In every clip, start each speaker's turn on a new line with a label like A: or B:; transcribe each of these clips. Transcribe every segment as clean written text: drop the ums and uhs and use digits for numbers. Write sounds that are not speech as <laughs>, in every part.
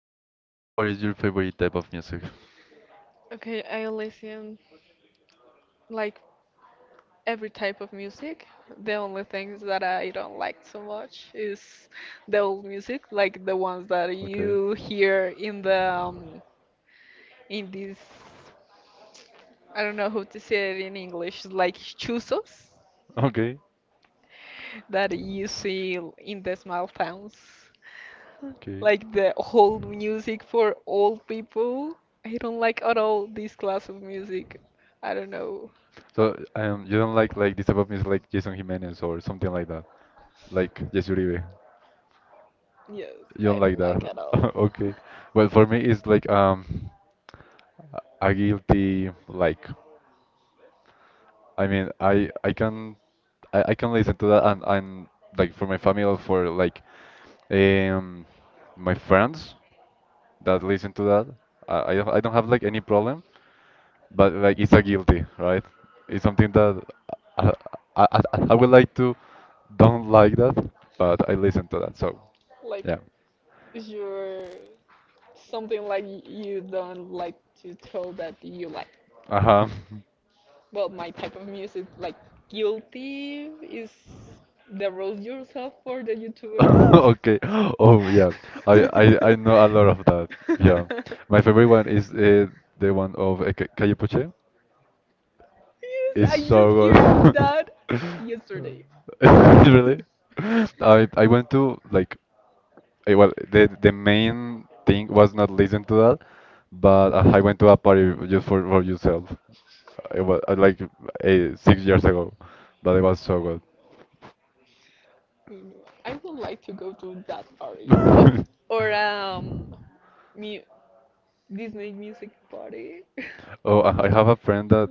A: So, what is your favorite type of music?
B: Okay, I listen like every type of music. The only things that I don't like so much is the old music, like the ones that
A: Okay.
B: you hear in the in this I don't know how to say it in English, like chuzos
A: Okay.
B: that you see in the small towns.
A: Okay.
B: Like the old music for old people. I don't like at all this class of music. I don't know.
A: So, you don't like this type of music like Jason Jimenez or something like that, like Jesse Uribe.
B: Yes,
A: You
B: I
A: don't like
B: don't like
A: that.
B: at all.
A: <laughs> Okay.
B: <laughs>
A: Well, for me, it's like a guilty like. I mean, I can listen to that and like for my family or for like um my friends that listen to that. I don't have like any problem, but like it's a guilty, right? It's something that I I, I would like to don't like that, but I listen to that. So
B: Like
A: yeah.
B: you're something like you don't like to tell that you like.
A: Uh-huh.
B: Well, my type of music, like guilty, is the roast yourself for the
A: <laughs> <laughs>
B: YouTubers.
A: Okay. Oh yeah. I, I know a lot
B: <laughs>
A: of that. Yeah. My favorite one is the one of Calle Puche.
B: Yes,
A: It's
B: I
A: so
B: just heard that
A: good. <laughs>
B: yesterday.
A: Really? I went to like well the main thing was not listen to that, but I went to a party just for yourself. It was like 6 years ago, but it was so good.
B: You know, I would like to go to that party. Or
A: <laughs>
B: mu Disney music party.
A: Oh, I have a friend that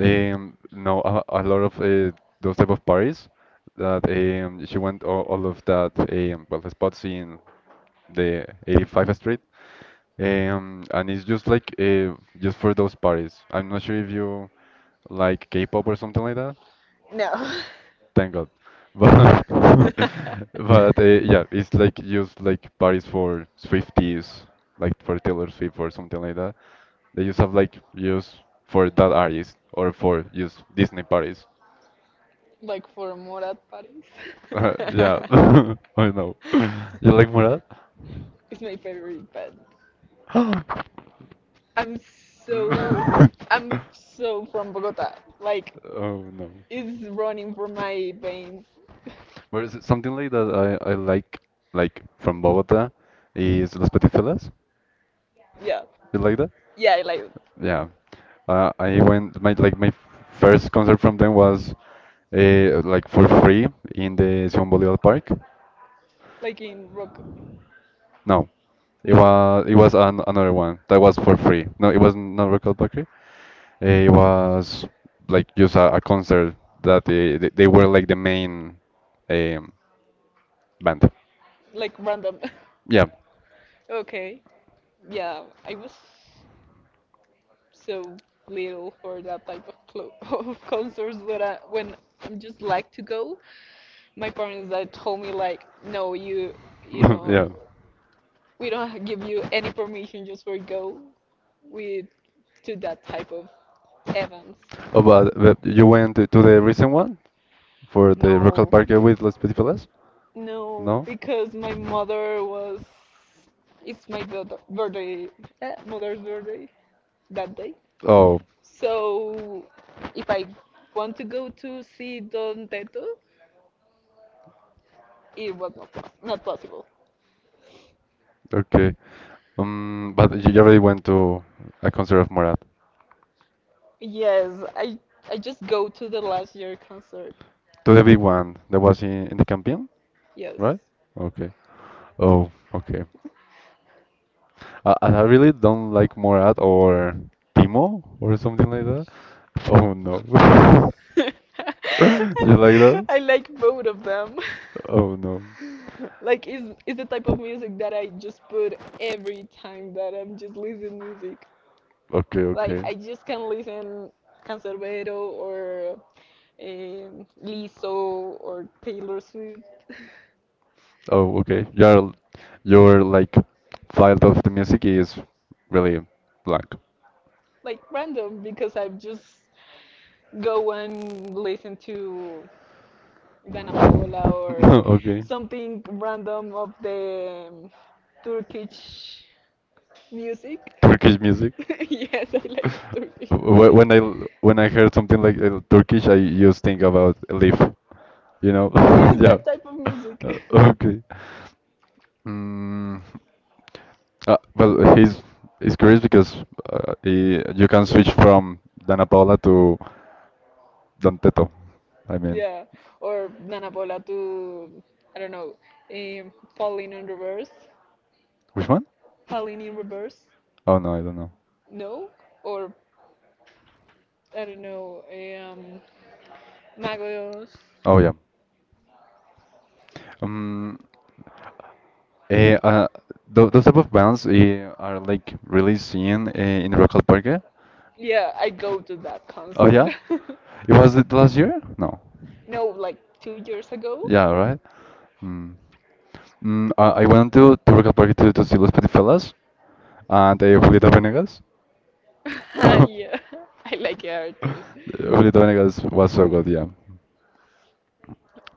A: um know a lot of those type of parties that she went all of that well the spots in the 85th Street um and it's just like just for those parties. I'm not sure if you like K-pop or something like.
B: <laughs> No.
A: Thank God. But <laughs>
B: <laughs>
A: but yeah, it's like used like parties for Swifties, like for Taylor Swift or something like that. They just have like use for that artist or for use Disney parties.
B: Like for more at Paris.
A: <laughs> Yeah, <laughs> I know. <laughs>
B: <laughs>
A: You like Murad?
B: It's my favorite, but I'm
A: <laughs>
B: so I'm
A: <gasps>
B: so from Bogota. Like
A: Oh no.
B: it's running from my veins.
A: But is it something like that I like from Bogota is Las Petifelas.
B: Yeah,
A: You like that?
B: yeah, like
A: Yeah. I went my my first concert from them was like for free in the Simón Bolívar Park.
B: like in rock.
A: No, it
B: No,
A: was another one that was for free. No, it was not Record Park. It was like just a concert that they were like the main um, band.
B: like random.
A: Yeah,
B: <laughs> Okay, yeah, I was so little for that type <laughs> of concerts when I just like to go. My parents that told me like, no, you
A: <laughs>
B: know
A: yeah.
B: we don't <laughs> give you any permission just for go with to that type of events.
A: Oh, but you went to the recent one for the Rock al
B: No,
A: Parque with Los Petifelas?
B: no,
A: No?
B: because my mother was it's my daughter birthday, mother's birthday that day.
A: Oh,
B: So if I want to go to see Don Teto, it was not possible.
A: okay. But you already went to a concert of Morat,
B: Yes, I just go to the last year concert.
A: to the big one that was in the campaign,
B: Yes.
A: right? Okay. Oh, okay. I really don't like Morat or Timo or something like that. Oh no. <laughs>
B: <laughs>
A: You like that?
B: I like both of them. <laughs>
A: Oh no.
B: Like is the type of music that I just put every time that I'm just listening music.
A: Okay,
B: Like I
A: okay.
B: just can listen Canserbero or Lizzo or Taylor Swift.
A: Oh, okay. Your like file of the music is really blank.
B: <laughs> Like random because I just go and listen to Dana Paola
A: <laughs>
B: or
A: No, okay.
B: something random of the Turkish music.
A: Turkish music.
B: <laughs> Yes, I
A: <laughs>
B: like the Turkish
A: Wh-
B: music.
A: When I l- when I heard something like Turkish, I just think about Elif. You know?
B: Yes,
A: <laughs> Yeah.
B: that type of music. <laughs>
A: Uh, Okay. Mm. Well, he's curious because you can switch from Dana Paola to Don Teto. I mean,
B: Yeah, or Dana Paola to, I don't know, falling in reverse,
A: which one?
B: falling in reverse.
A: Oh no, I don't know.
B: No, or I don't know, Magos.
A: Oh yeah. Um, eh, uh, those type of bands are like really seen in Rock al Parque.
B: Yeah, I go to that
A: Oh
B: concert.
A: yeah, it was it last year? No.
B: <laughs> No, like 2 years ago.
A: Yeah, right. Mm. I went to Roca Park to see Los Petifelas and Julieta Venegas.
B: <laughs>
A: <laughs>
B: Yeah, I like her too.
A: Julieta Venegas was so good, yeah.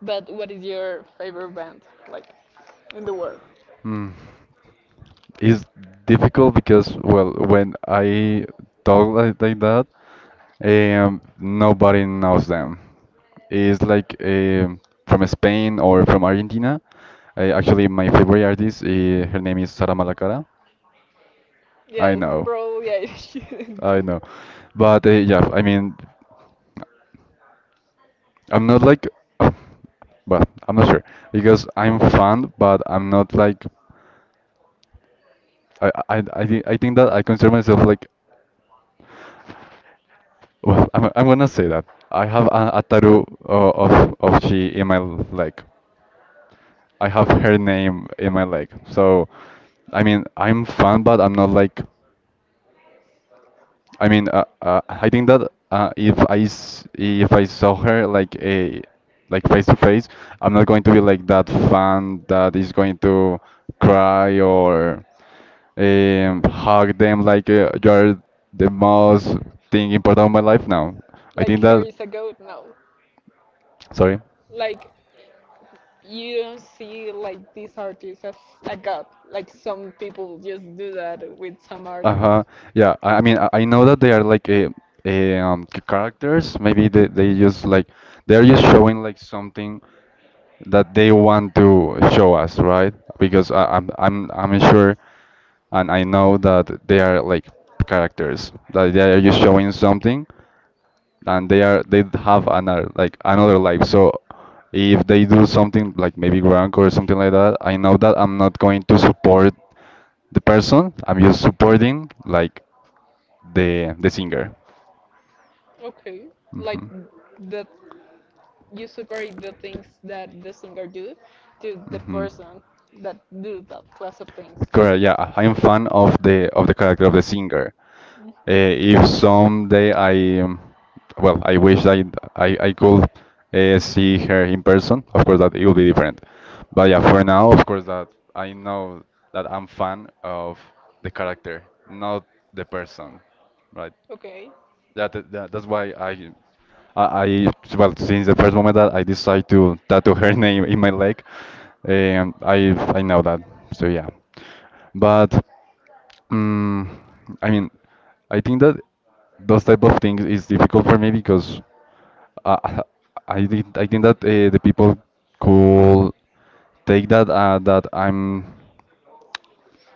B: But what is your favorite band, like, in the world?
A: Hmm. It's difficult because, well, when I talk like that, nobody knows them. It's like from Spain or from Argentina. Actually, my favorite artist, her name is Sara Malacara. I
B: Yes,
A: know,
B: probably I <laughs> shouldn't.
A: I know. But yeah, I mean, I'm not like, uh, well, I'm not sure because I'm fan, but I'm not like, I think that I consider myself like. Well, I'm gonna say that I have a tattoo of she in my leg. I have
B: Okay.
A: her name in my leg. So, I mean, I'm fan, but I'm not like. I mean, I think that if I s if I saw her like a like face to face, I'm not going to be like that fan that is going to cry or hug them like you're the most thing important of my life now. I
B: Like
A: think
B: her
A: that.
B: is a goat? No.
A: Sorry.
B: Like you don't see like this artist as a god. Like some people just do that with some
A: Uh-huh.
B: artists.
A: Yeah, I mean, I know that they are like characters. Maybe they're just showing like something that they want to show us, right? Because I'm sure and I know that they are like characters that they are just showing something and they have another life. So if they do something like maybe wrong or something like that, I know that I'm not going to support the person. I'm just supporting like the singer.
B: Okay. Like
A: hmm
B: that you separate the things that the singer do to the
A: hmm
B: person that do that class of things.
A: Correct. Yeah, I am fan of the character of the singer. If someday I wish I could see her in person. Of course, that it will be different. But yeah, for now, of course, that I know that I'm fan of the character, not the person, right?
B: Okay.
A: That's why I well, since the first moment that I decided to tattoo her <laughs> name in my leg, I know that. So yeah, but. Mm, I mean, I think that those type of things is difficult for me because uh, <laughs> I think that the people could take that that I'm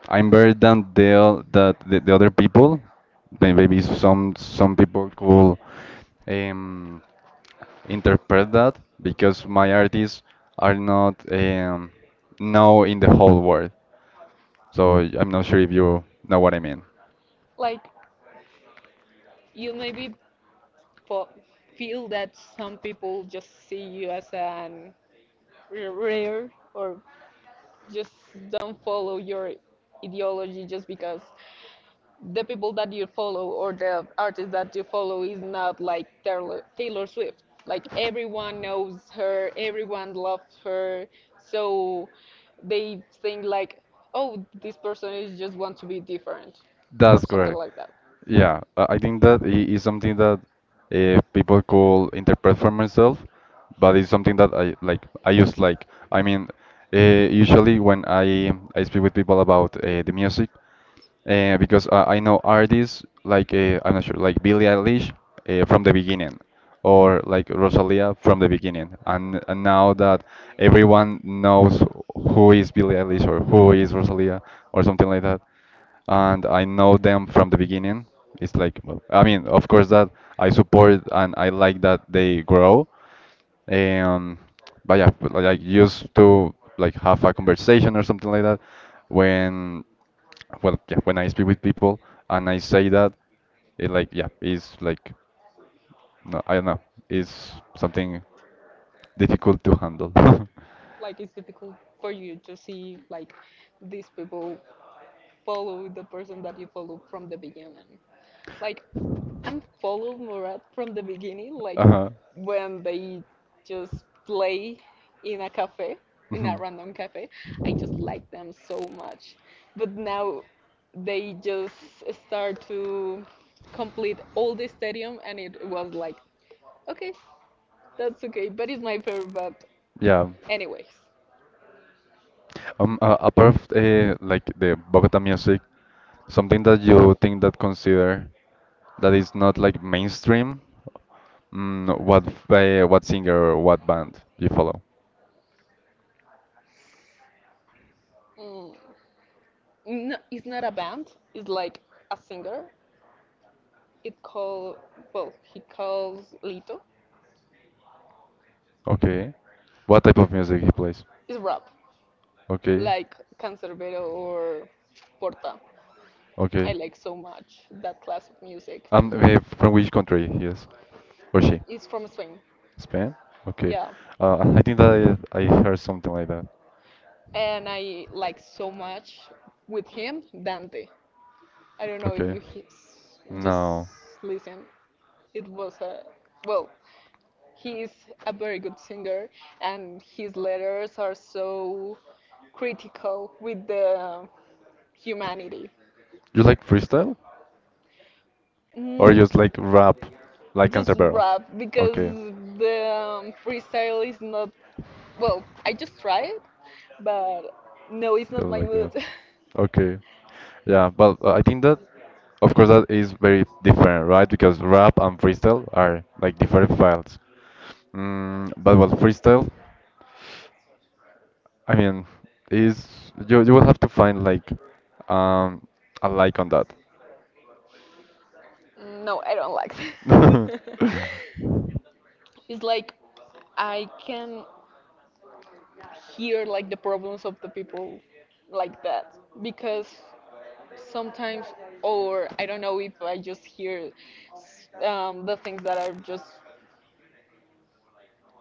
A: I'm better than the other people. Maybe some people could um, interpret that because my artists are not known in the whole world. So I'm not sure if you know what I mean.
B: Like you maybe po feel that some people just see you as an rare or just don't follow your ideology just because the people that you follow or the artist that you follow is not like Taylor Swift. Like everyone knows her, everyone loves her, so they think like, oh, this person is just want to be different or
A: That's
B: something
A: correct.
B: like that.
A: Yeah, I think that is something that people could interpret for myself, but it's something that I like. I use like. I mean, usually when I speak with people about the music, because I know artists like I'm not sure like Billie Eilish from the beginning or like Rosalia from the beginning and now that everyone knows who is Billie Eilish or who is Rosalia or something like that and I know them from the beginning. It's like well, I mean of course that I support and I like that they grow, um, but yeah, but like I used to like have a conversation or something like that when well yeah when I speak with people and I say that, it like yeah it's like no I don't know, it's something difficult to handle. <laughs>
B: Like it's difficult for you to see like these people follow the person that you follow from the beginning. Like I'm follow Murat from the beginning, like
A: Uh-huh.
B: when they just play in a cafe, in a
A: Mhm.
B: random cafe. I just like them so much. But now they just start to complete all the stadium and it was like okay, that's okay, but it's my favorite but
A: Yeah.
B: anyways.
A: Apart of like the Bogota music, something that you think that consider that is not like mainstream. What singer or what band you follow?
B: Mm. No, it's not a band. It's like a singer. It called well, he calls Lito.
A: Okay. What type of music he plays?
B: It's rap,
A: Okay.
B: like Cancerbero or Porta. I
A: Okay.
B: like so much that class of music.
A: From which country he is or she?
B: It's from Spain,
A: Spain? Okay.
B: yeah,
A: I think that I heard something like that.
B: and I like so much with him Dante. I don't know if
A: Okay.
B: you just
A: No.
B: listen. It was a well, he's a very good singer, and his letters are so critical with the humanity.
A: You like freestyle or
B: Mm,
A: just like rap, like
B: just
A: Canserbero?
B: rap because
A: Okay.
B: the freestyle is not well I just try it, but no, it's
A: So
B: not
A: just
B: my
A: like
B: mood.
A: that. Okay. Yeah, but I think that of course that is very different, right? Because rap and freestyle are like different files. But what freestyle, I mean, is you will have to find like um a like on that.
B: <laughs> No, I don't like that.
A: <laughs>
B: <laughs> It's like I can hear like the problems of the people like that because sometimes, or I don't know if I just hear the things that are just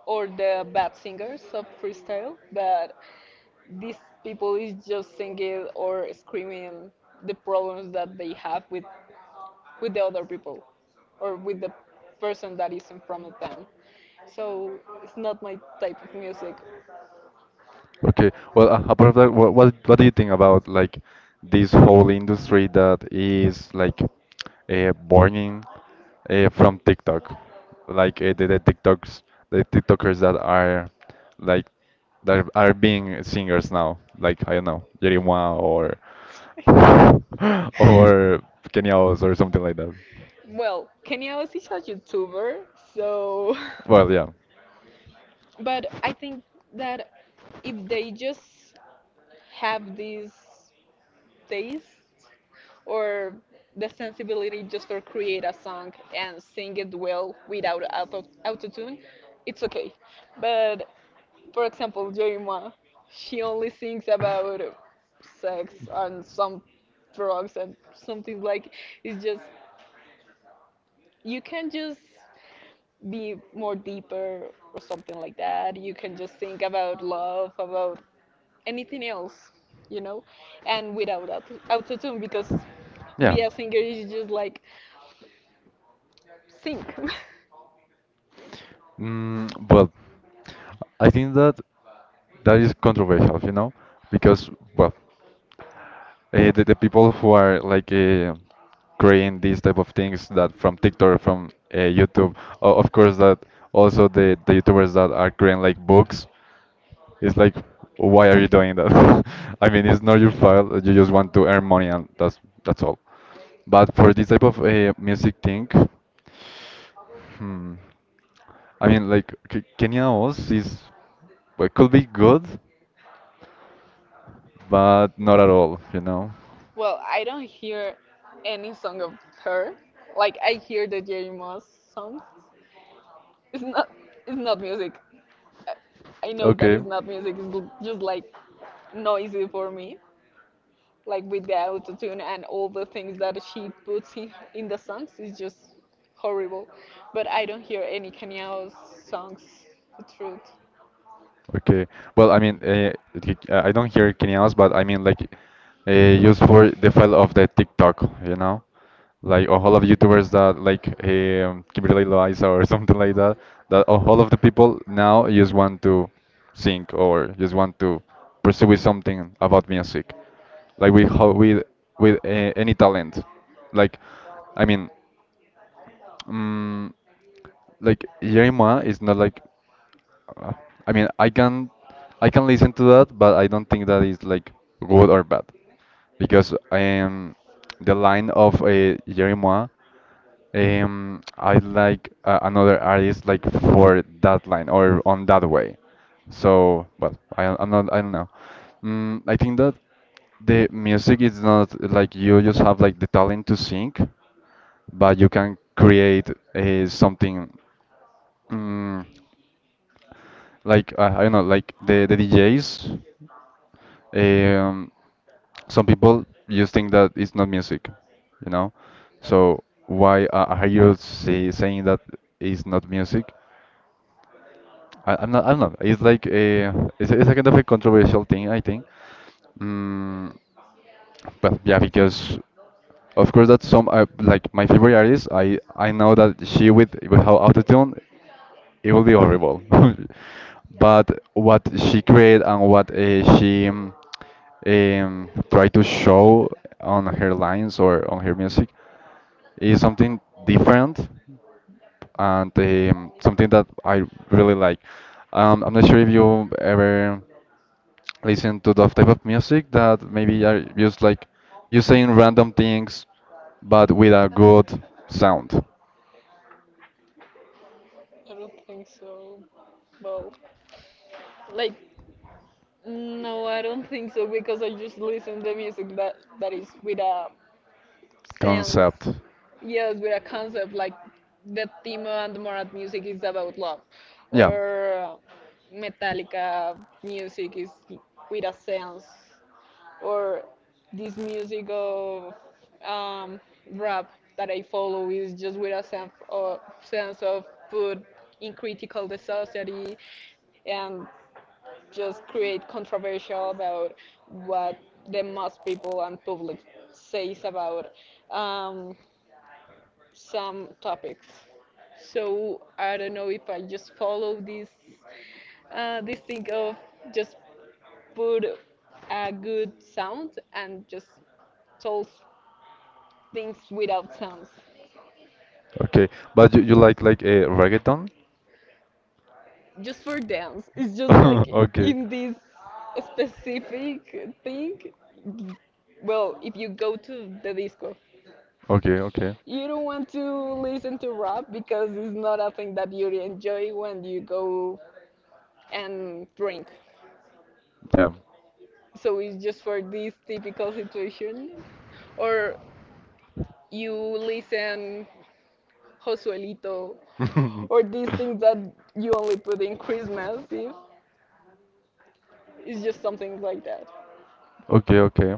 B: or the bad singers of freestyle, but these people is just singing or screaming the problems that they have with the other people or with the person that is in front of them. So it's not my type of music.
A: Okay. Well, apart of that, what do you think about like this whole industry that is like born from TikTok, like the, TikToks, the TikTokers like that are being singers now, like I don't know, Yerima or <sighs> <laughs> or Kenyaos or something like that.
B: Well, Kenya was is a YouTuber, so
A: Well, yeah,
B: <laughs> but I think that if they just have this taste or the sensibility just for create a song and sing it well without autotune, it's okay. But for example, Joyma, she only sings about sex and some drugs and something like it's just you can just be more deeper or something like that. You can just think about love, about anything else, you know, and without autotune because
A: yeah.
B: be a singer is just like sing.
A: Well. I think that that is controversial, because well, the people who are like creating these type of things that from TikTok, from YouTube, of course that also the YouTubers that are creating like books, it's like why are you doing that? <laughs> I mean, it's not your fault. You just want to earn money, and that's all. But for this type of music thing, hmm, I mean, like Kenya Oz is, well, could be good, but not at all, you know.
B: <laughs> Well, I don't hear any song of her. Like I hear the Jerry Moss songs. It's not. It's not music. I know that
A: Okay.
B: it's not music. It's just like noisy for me. Like with the autotune and all the things that she puts in the songs is just horrible. But I don't hear any Kanye songs. The truth.
A: Okay. Well, I mean, like, I don't hear Kenyanos, but I mean, like, used for the file of the TikTok, like all of YouTubers that like Kimberly Loaiza or <laughs> something like that. That all of the people now just want to sing or just want to pursue with something about music, like with how with any talent. Like, I mean. Mm like Yerima is not like uh, I mean I can listen to that, but I don't think that is like good or bad because the line of Yerima, I like another artist like for that line or on that way. So, but I don't know. Mm, I think that the music is not like you just have like the talent to sing, but you can create something. Mm, like I don't know, like the DJs. Um, some people just think that it's not music, you know. So why are you saying that it's not music? I'm not. I don't know. It's like it's a kind of a controversial thing, I think. Mm, but yeah, because of course that's some like my favorite artist. I know that she with without autotune, it will be horrible. <laughs> But what she created and what she try to show on her lines or on her music is something different and something that I really like. I'm not sure if you ever listen to that type of music that maybe are just like you saying random things but with a good sound
B: I don't think so. Well, like, no, I don't think so because I just listen to music that is with a sense.
A: concept.
B: Yes, with a concept like the Timo and Morat music is about love,
A: Yeah.
B: or Metallica music is with a sense, or this music of um, rap that I follow is just with a sense of put in critical the society and just create controversial about what the most people and public says about um, some topics. So I don't know if I just follow this thing of just put a good sound and just told things without sounds
A: Okay, but you like a reggaeton?
B: just for dance. It's just like
A: <laughs>
B: in this specific thing. Well, if you go to the disco
A: Okay, okay, okay.
B: you don't want to listen to rap because it's not a thing that you enjoy when you go and drink.
A: Yeah.
B: So it's just for this typical situation. Or you listen Josuelito or these
A: <laughs>
B: things that you only put in Christmas Eve. It's just something like that.
A: Okay, okay.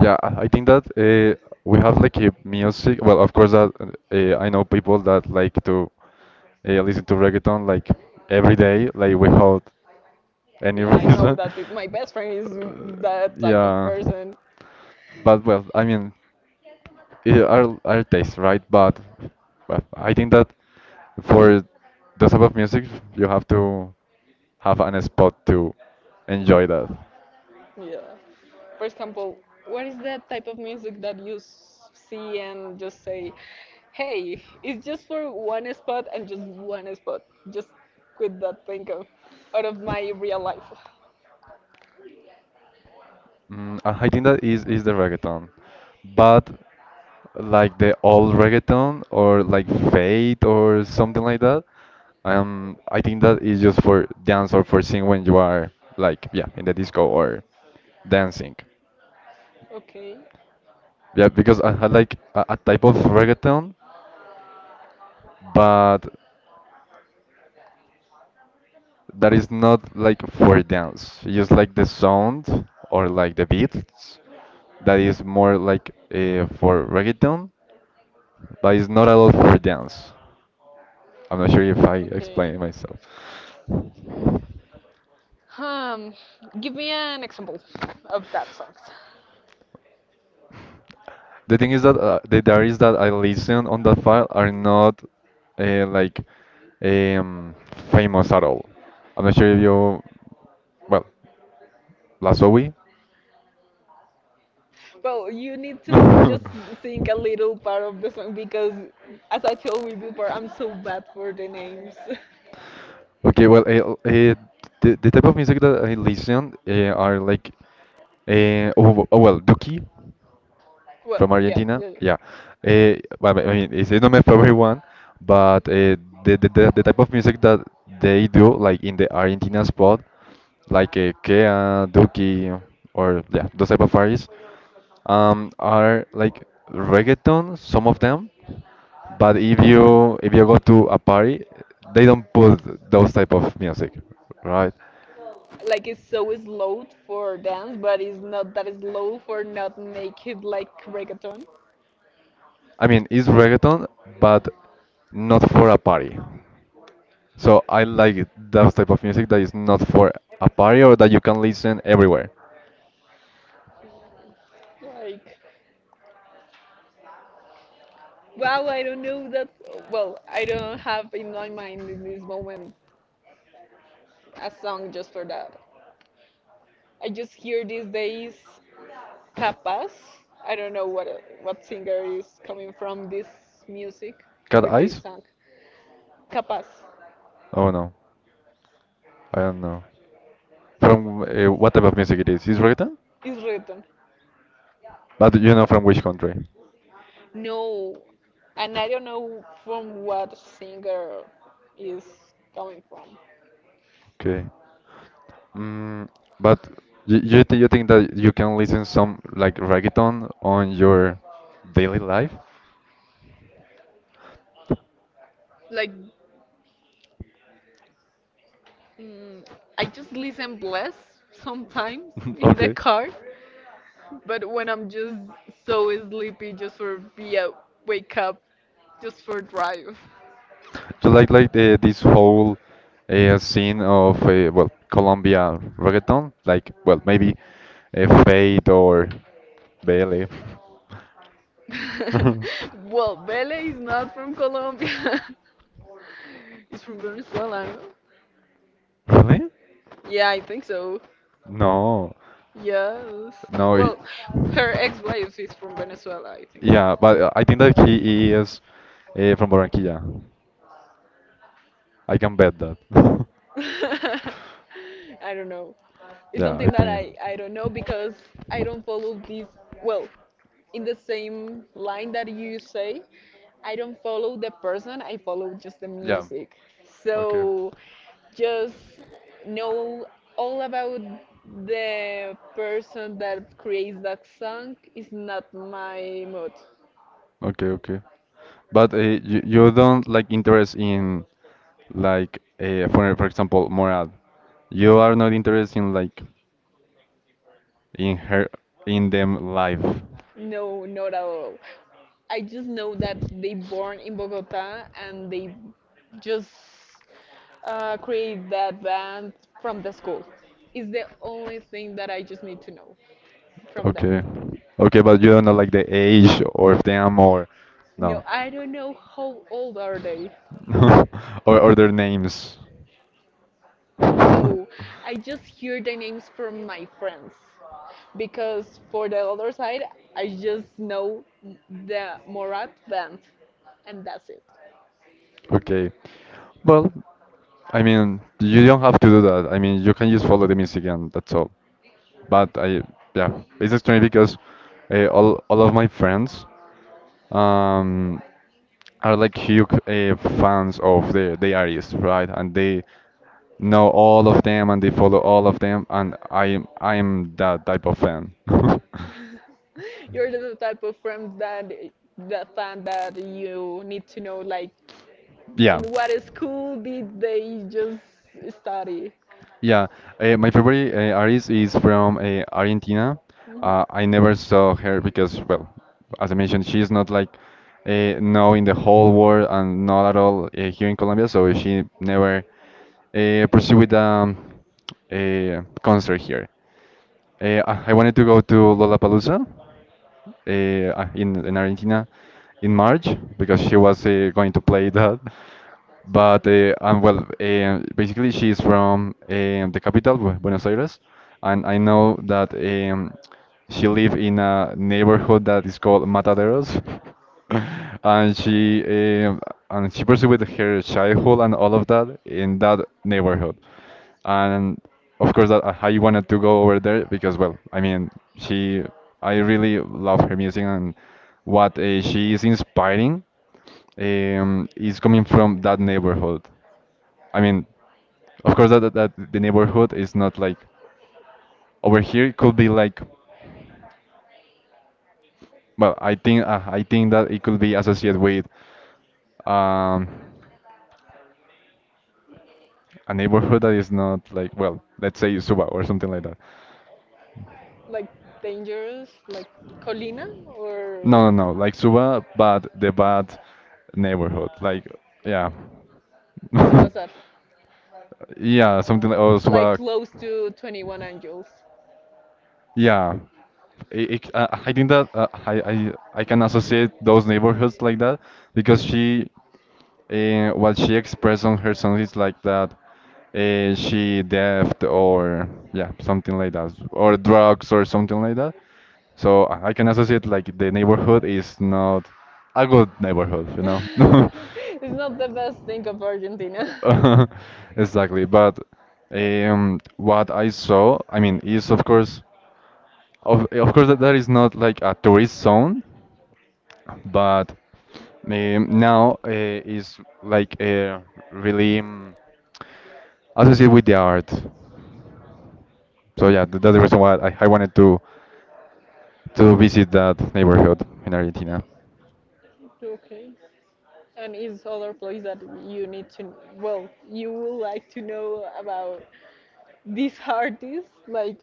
A: Yeah, I think that we have like a music. Well, of course that I know people that like to listen to reggaeton like every day, like without any <laughs>
B: Yeah, I know
A: reason.
B: that my best friend is that type of
A: Yeah,
B: person.
A: but well, I mean, it are our taste, right? But I think that for the type of music, you have to have an spot to enjoy that.
B: Yeah. For example, what is that type of music that you see and just say, hey, it's just for one spot and just one spot. Just quit that thing of, out of my real life.
A: Mm, I think that is the reggaeton, but like the old reggaeton or like Fate or something like that. I think that is just for dance or for sing when you are like yeah in the disco or dancing.
B: Okay.
A: Yeah, because I had like a type of reggaeton, but that is not like for dance. It's just like the sound or like the beats that is more like for reggaeton, but it's not at all for dance. I'm not sure if I
B: Okay.
A: explained myself.
B: Um, Give me an example of that song.
A: The thing is that the diaries that I listen on that file are not like um, famous at all. I'm not sure if you, well, Lazowi.
B: Well, you need to just sing
A: <laughs>
B: a little part of the song because, as I told you before, I'm so bad for the names. <laughs>
A: Okay, well, the type of music that I listen are like, oh well, Duki. From
B: Well, yeah,
A: Argentina,
B: yeah,
A: yeah.
B: yeah.
A: I mean, it's not my favorite one, but the type of music that they do, like in the Argentina spot, like Kea, Duki, or yeah, those type of artists, are like reggaeton, some of them, but if you go to a party, they don't put those type of music, right?
B: Like it's so slow for dance, but it's not that slow for not make it like reggaeton.
A: I mean, it's reggaeton, but not for a party. So I like it, those type of music that is not for a party or that you can listen everywhere.
B: Like, wow, I don't know that. Well, I don't have in my mind in this moment a song just for that. I just hear these days Capaz. I don't know what singer is coming from this music
A: Cat
B: or this
A: Eyes?
B: song. Capaz
A: Oh no, I don't know. From what type of music it is? Is reggaeton?
B: is written.
A: But you know from which country?
B: No, and I don't know from what singer is coming from.
A: Okay. Mm, but you think that you can listen some like reggaeton on your daily life?
B: Like mm, I just listen Bless sometimes
A: <laughs>
B: in the
A: Okay.
B: car, but when I'm just so sleepy, just for be a wake up, just for drive.
A: Do you like this whole scene of well Colombia reggaeton? Like well maybe Fade or Bele.
B: <laughs>
A: <laughs>
B: Well, Belle is not from Colombia. <laughs> He's from Venezuela, no?
A: Really?
B: Yeah, I think so.
A: No,
B: Yes.
A: no. He-
B: Well, her ex-wife is from Venezuela, I think. So.
A: Yeah, but I think that he is from Barranquilla. I can bet that. <laughs>
B: <laughs> I don't know. It's
A: Yeah, I
B: something that
A: think.
B: I don't know because I don't follow these well. In the same line that you say, I don't follow the person, I follow just the
A: Yeah.
B: music. So
A: Okay.
B: just know all about the person that creates that song is not my mood.
A: Okay, okay. But you don't like interest in like for example moral. You are not interested in like in her in them life.
B: No, not at all. I just know that they born in Bogota and they just create that band from the school. It's the only thing that I just need to know from them.
A: Okay. Okay, but you don't know like the age or of them or
B: No,
A: no.
B: I don't know how old are they.
A: <laughs> Or their names.
B: No, I
A: <laughs>
B: just hear the names from my friends. Because for the other side, I just know the Morat band, and that's it.
A: Okay. Well, I mean, you don't have to do that. I mean, you can just follow the music and that's all. But I, yeah, it's strange because all of my friends um are like huge fans of the artists, right? And they know all of them and they follow all of them, and I am that type of fan. <laughs>
B: <laughs> You're the type of friends that the fan that you need to know, like in
A: Yeah.
B: what school did they just study.
A: Yeah, my favorite artist is from Argentina. I never saw her because, well, as I mentioned,
B: Mhm.
A: she's not like known in the whole world and not at all here in Colombia, so she never pursued with a concert here. I wanted to go to Lollapalooza in Argentina in March because she was going to play <laughs> that, but and well, basically she's from the capital, Buenos Aires, and I know that she live in a neighborhood that is called Mataderos, <laughs> and she um and she pursued her childhood and all of that in that neighborhood, and of course that I wanted to go over there because well, I mean she I really love her music and what she is inspiring is coming from that neighborhood. I mean, of course, that the neighborhood is not like over here. It could be like, well, I think that it could be associated with um, a neighborhood that is not like, well, let's say Suba or something like that.
B: Like dangerous, like Colina or
A: No, no, no, like Suba, but the bad neighborhood. Like, yeah, <laughs>
B: Subasar,
A: yeah, something like oh
B: like
A: Suba.
B: close to 21 Angels.
A: Yeah, I think that I can associate those neighborhoods like that because she what she expressed on her song is like that she theft or yeah something like that or drugs or something like that. So I can associate like the neighborhood is not a good neighborhood, you
B: <laughs>
A: know. <laughs>
B: It's not the best thing of Argentina.
A: <laughs> Exactly, but what I saw, I mean, is of course. Of course, that, that is not like a tourist zone, but now is like really associated with the art. So yeah, that's the reason why I wanted to visit that neighborhood in Argentina.
B: <laughs> Okay. And is other place that you need to well, you would like to know about this artist, like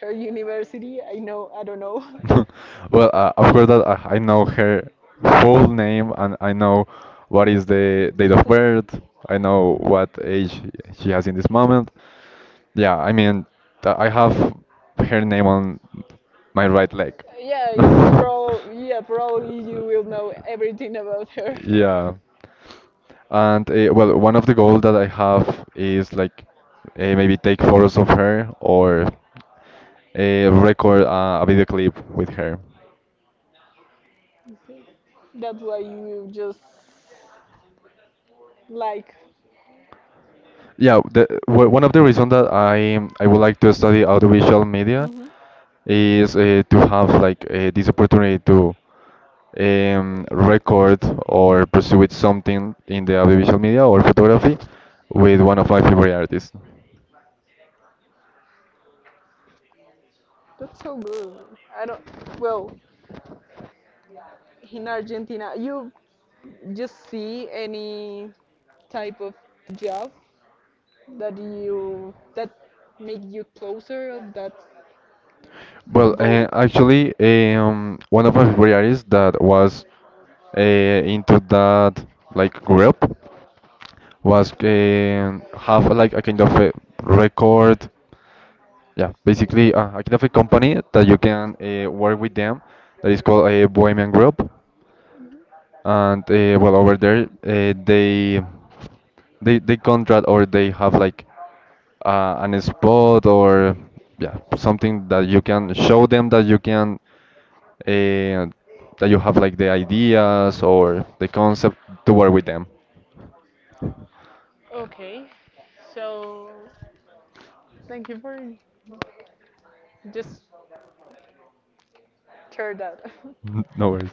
B: her university, I know, I don't know.
A: <laughs> Well, of
B: <laughs>
A: course that I know her full name and I know what is the date of birth. I know what age she has in this moment. Yeah, I mean, I have her name on my right leg.
B: Yeah, it's
A: <laughs>
B: prob. Yeah, probably you will know everything about her.
A: Yeah. And well, one of the goals that I have is like maybe take photos of her or record a video clip with her.
B: Okay. That's why you just like.
A: Yeah, one of the reasons that I would like to study audiovisual media
B: Hmm.
A: is to have like this opportunity to record or pursue with something in the audiovisual media or photography with one of my favorite artists.
B: That's so good. I don't. Well, in Argentina, you just see any type of job that make you closer of that
A: Well,
B: goal.
A: actually, one of my favorite artists that was into that like group was have like a kind of a record. Yeah, basically, I can have a company that you can work with them that is called a Bohemian Group, and well, over there they contract or they have like an spot or yeah something that you can show them that you can uh, that you have like the ideas or the concept to work with them.
B: Okay, so thank you for just share that. <laughs>
A: <laughs> No worries.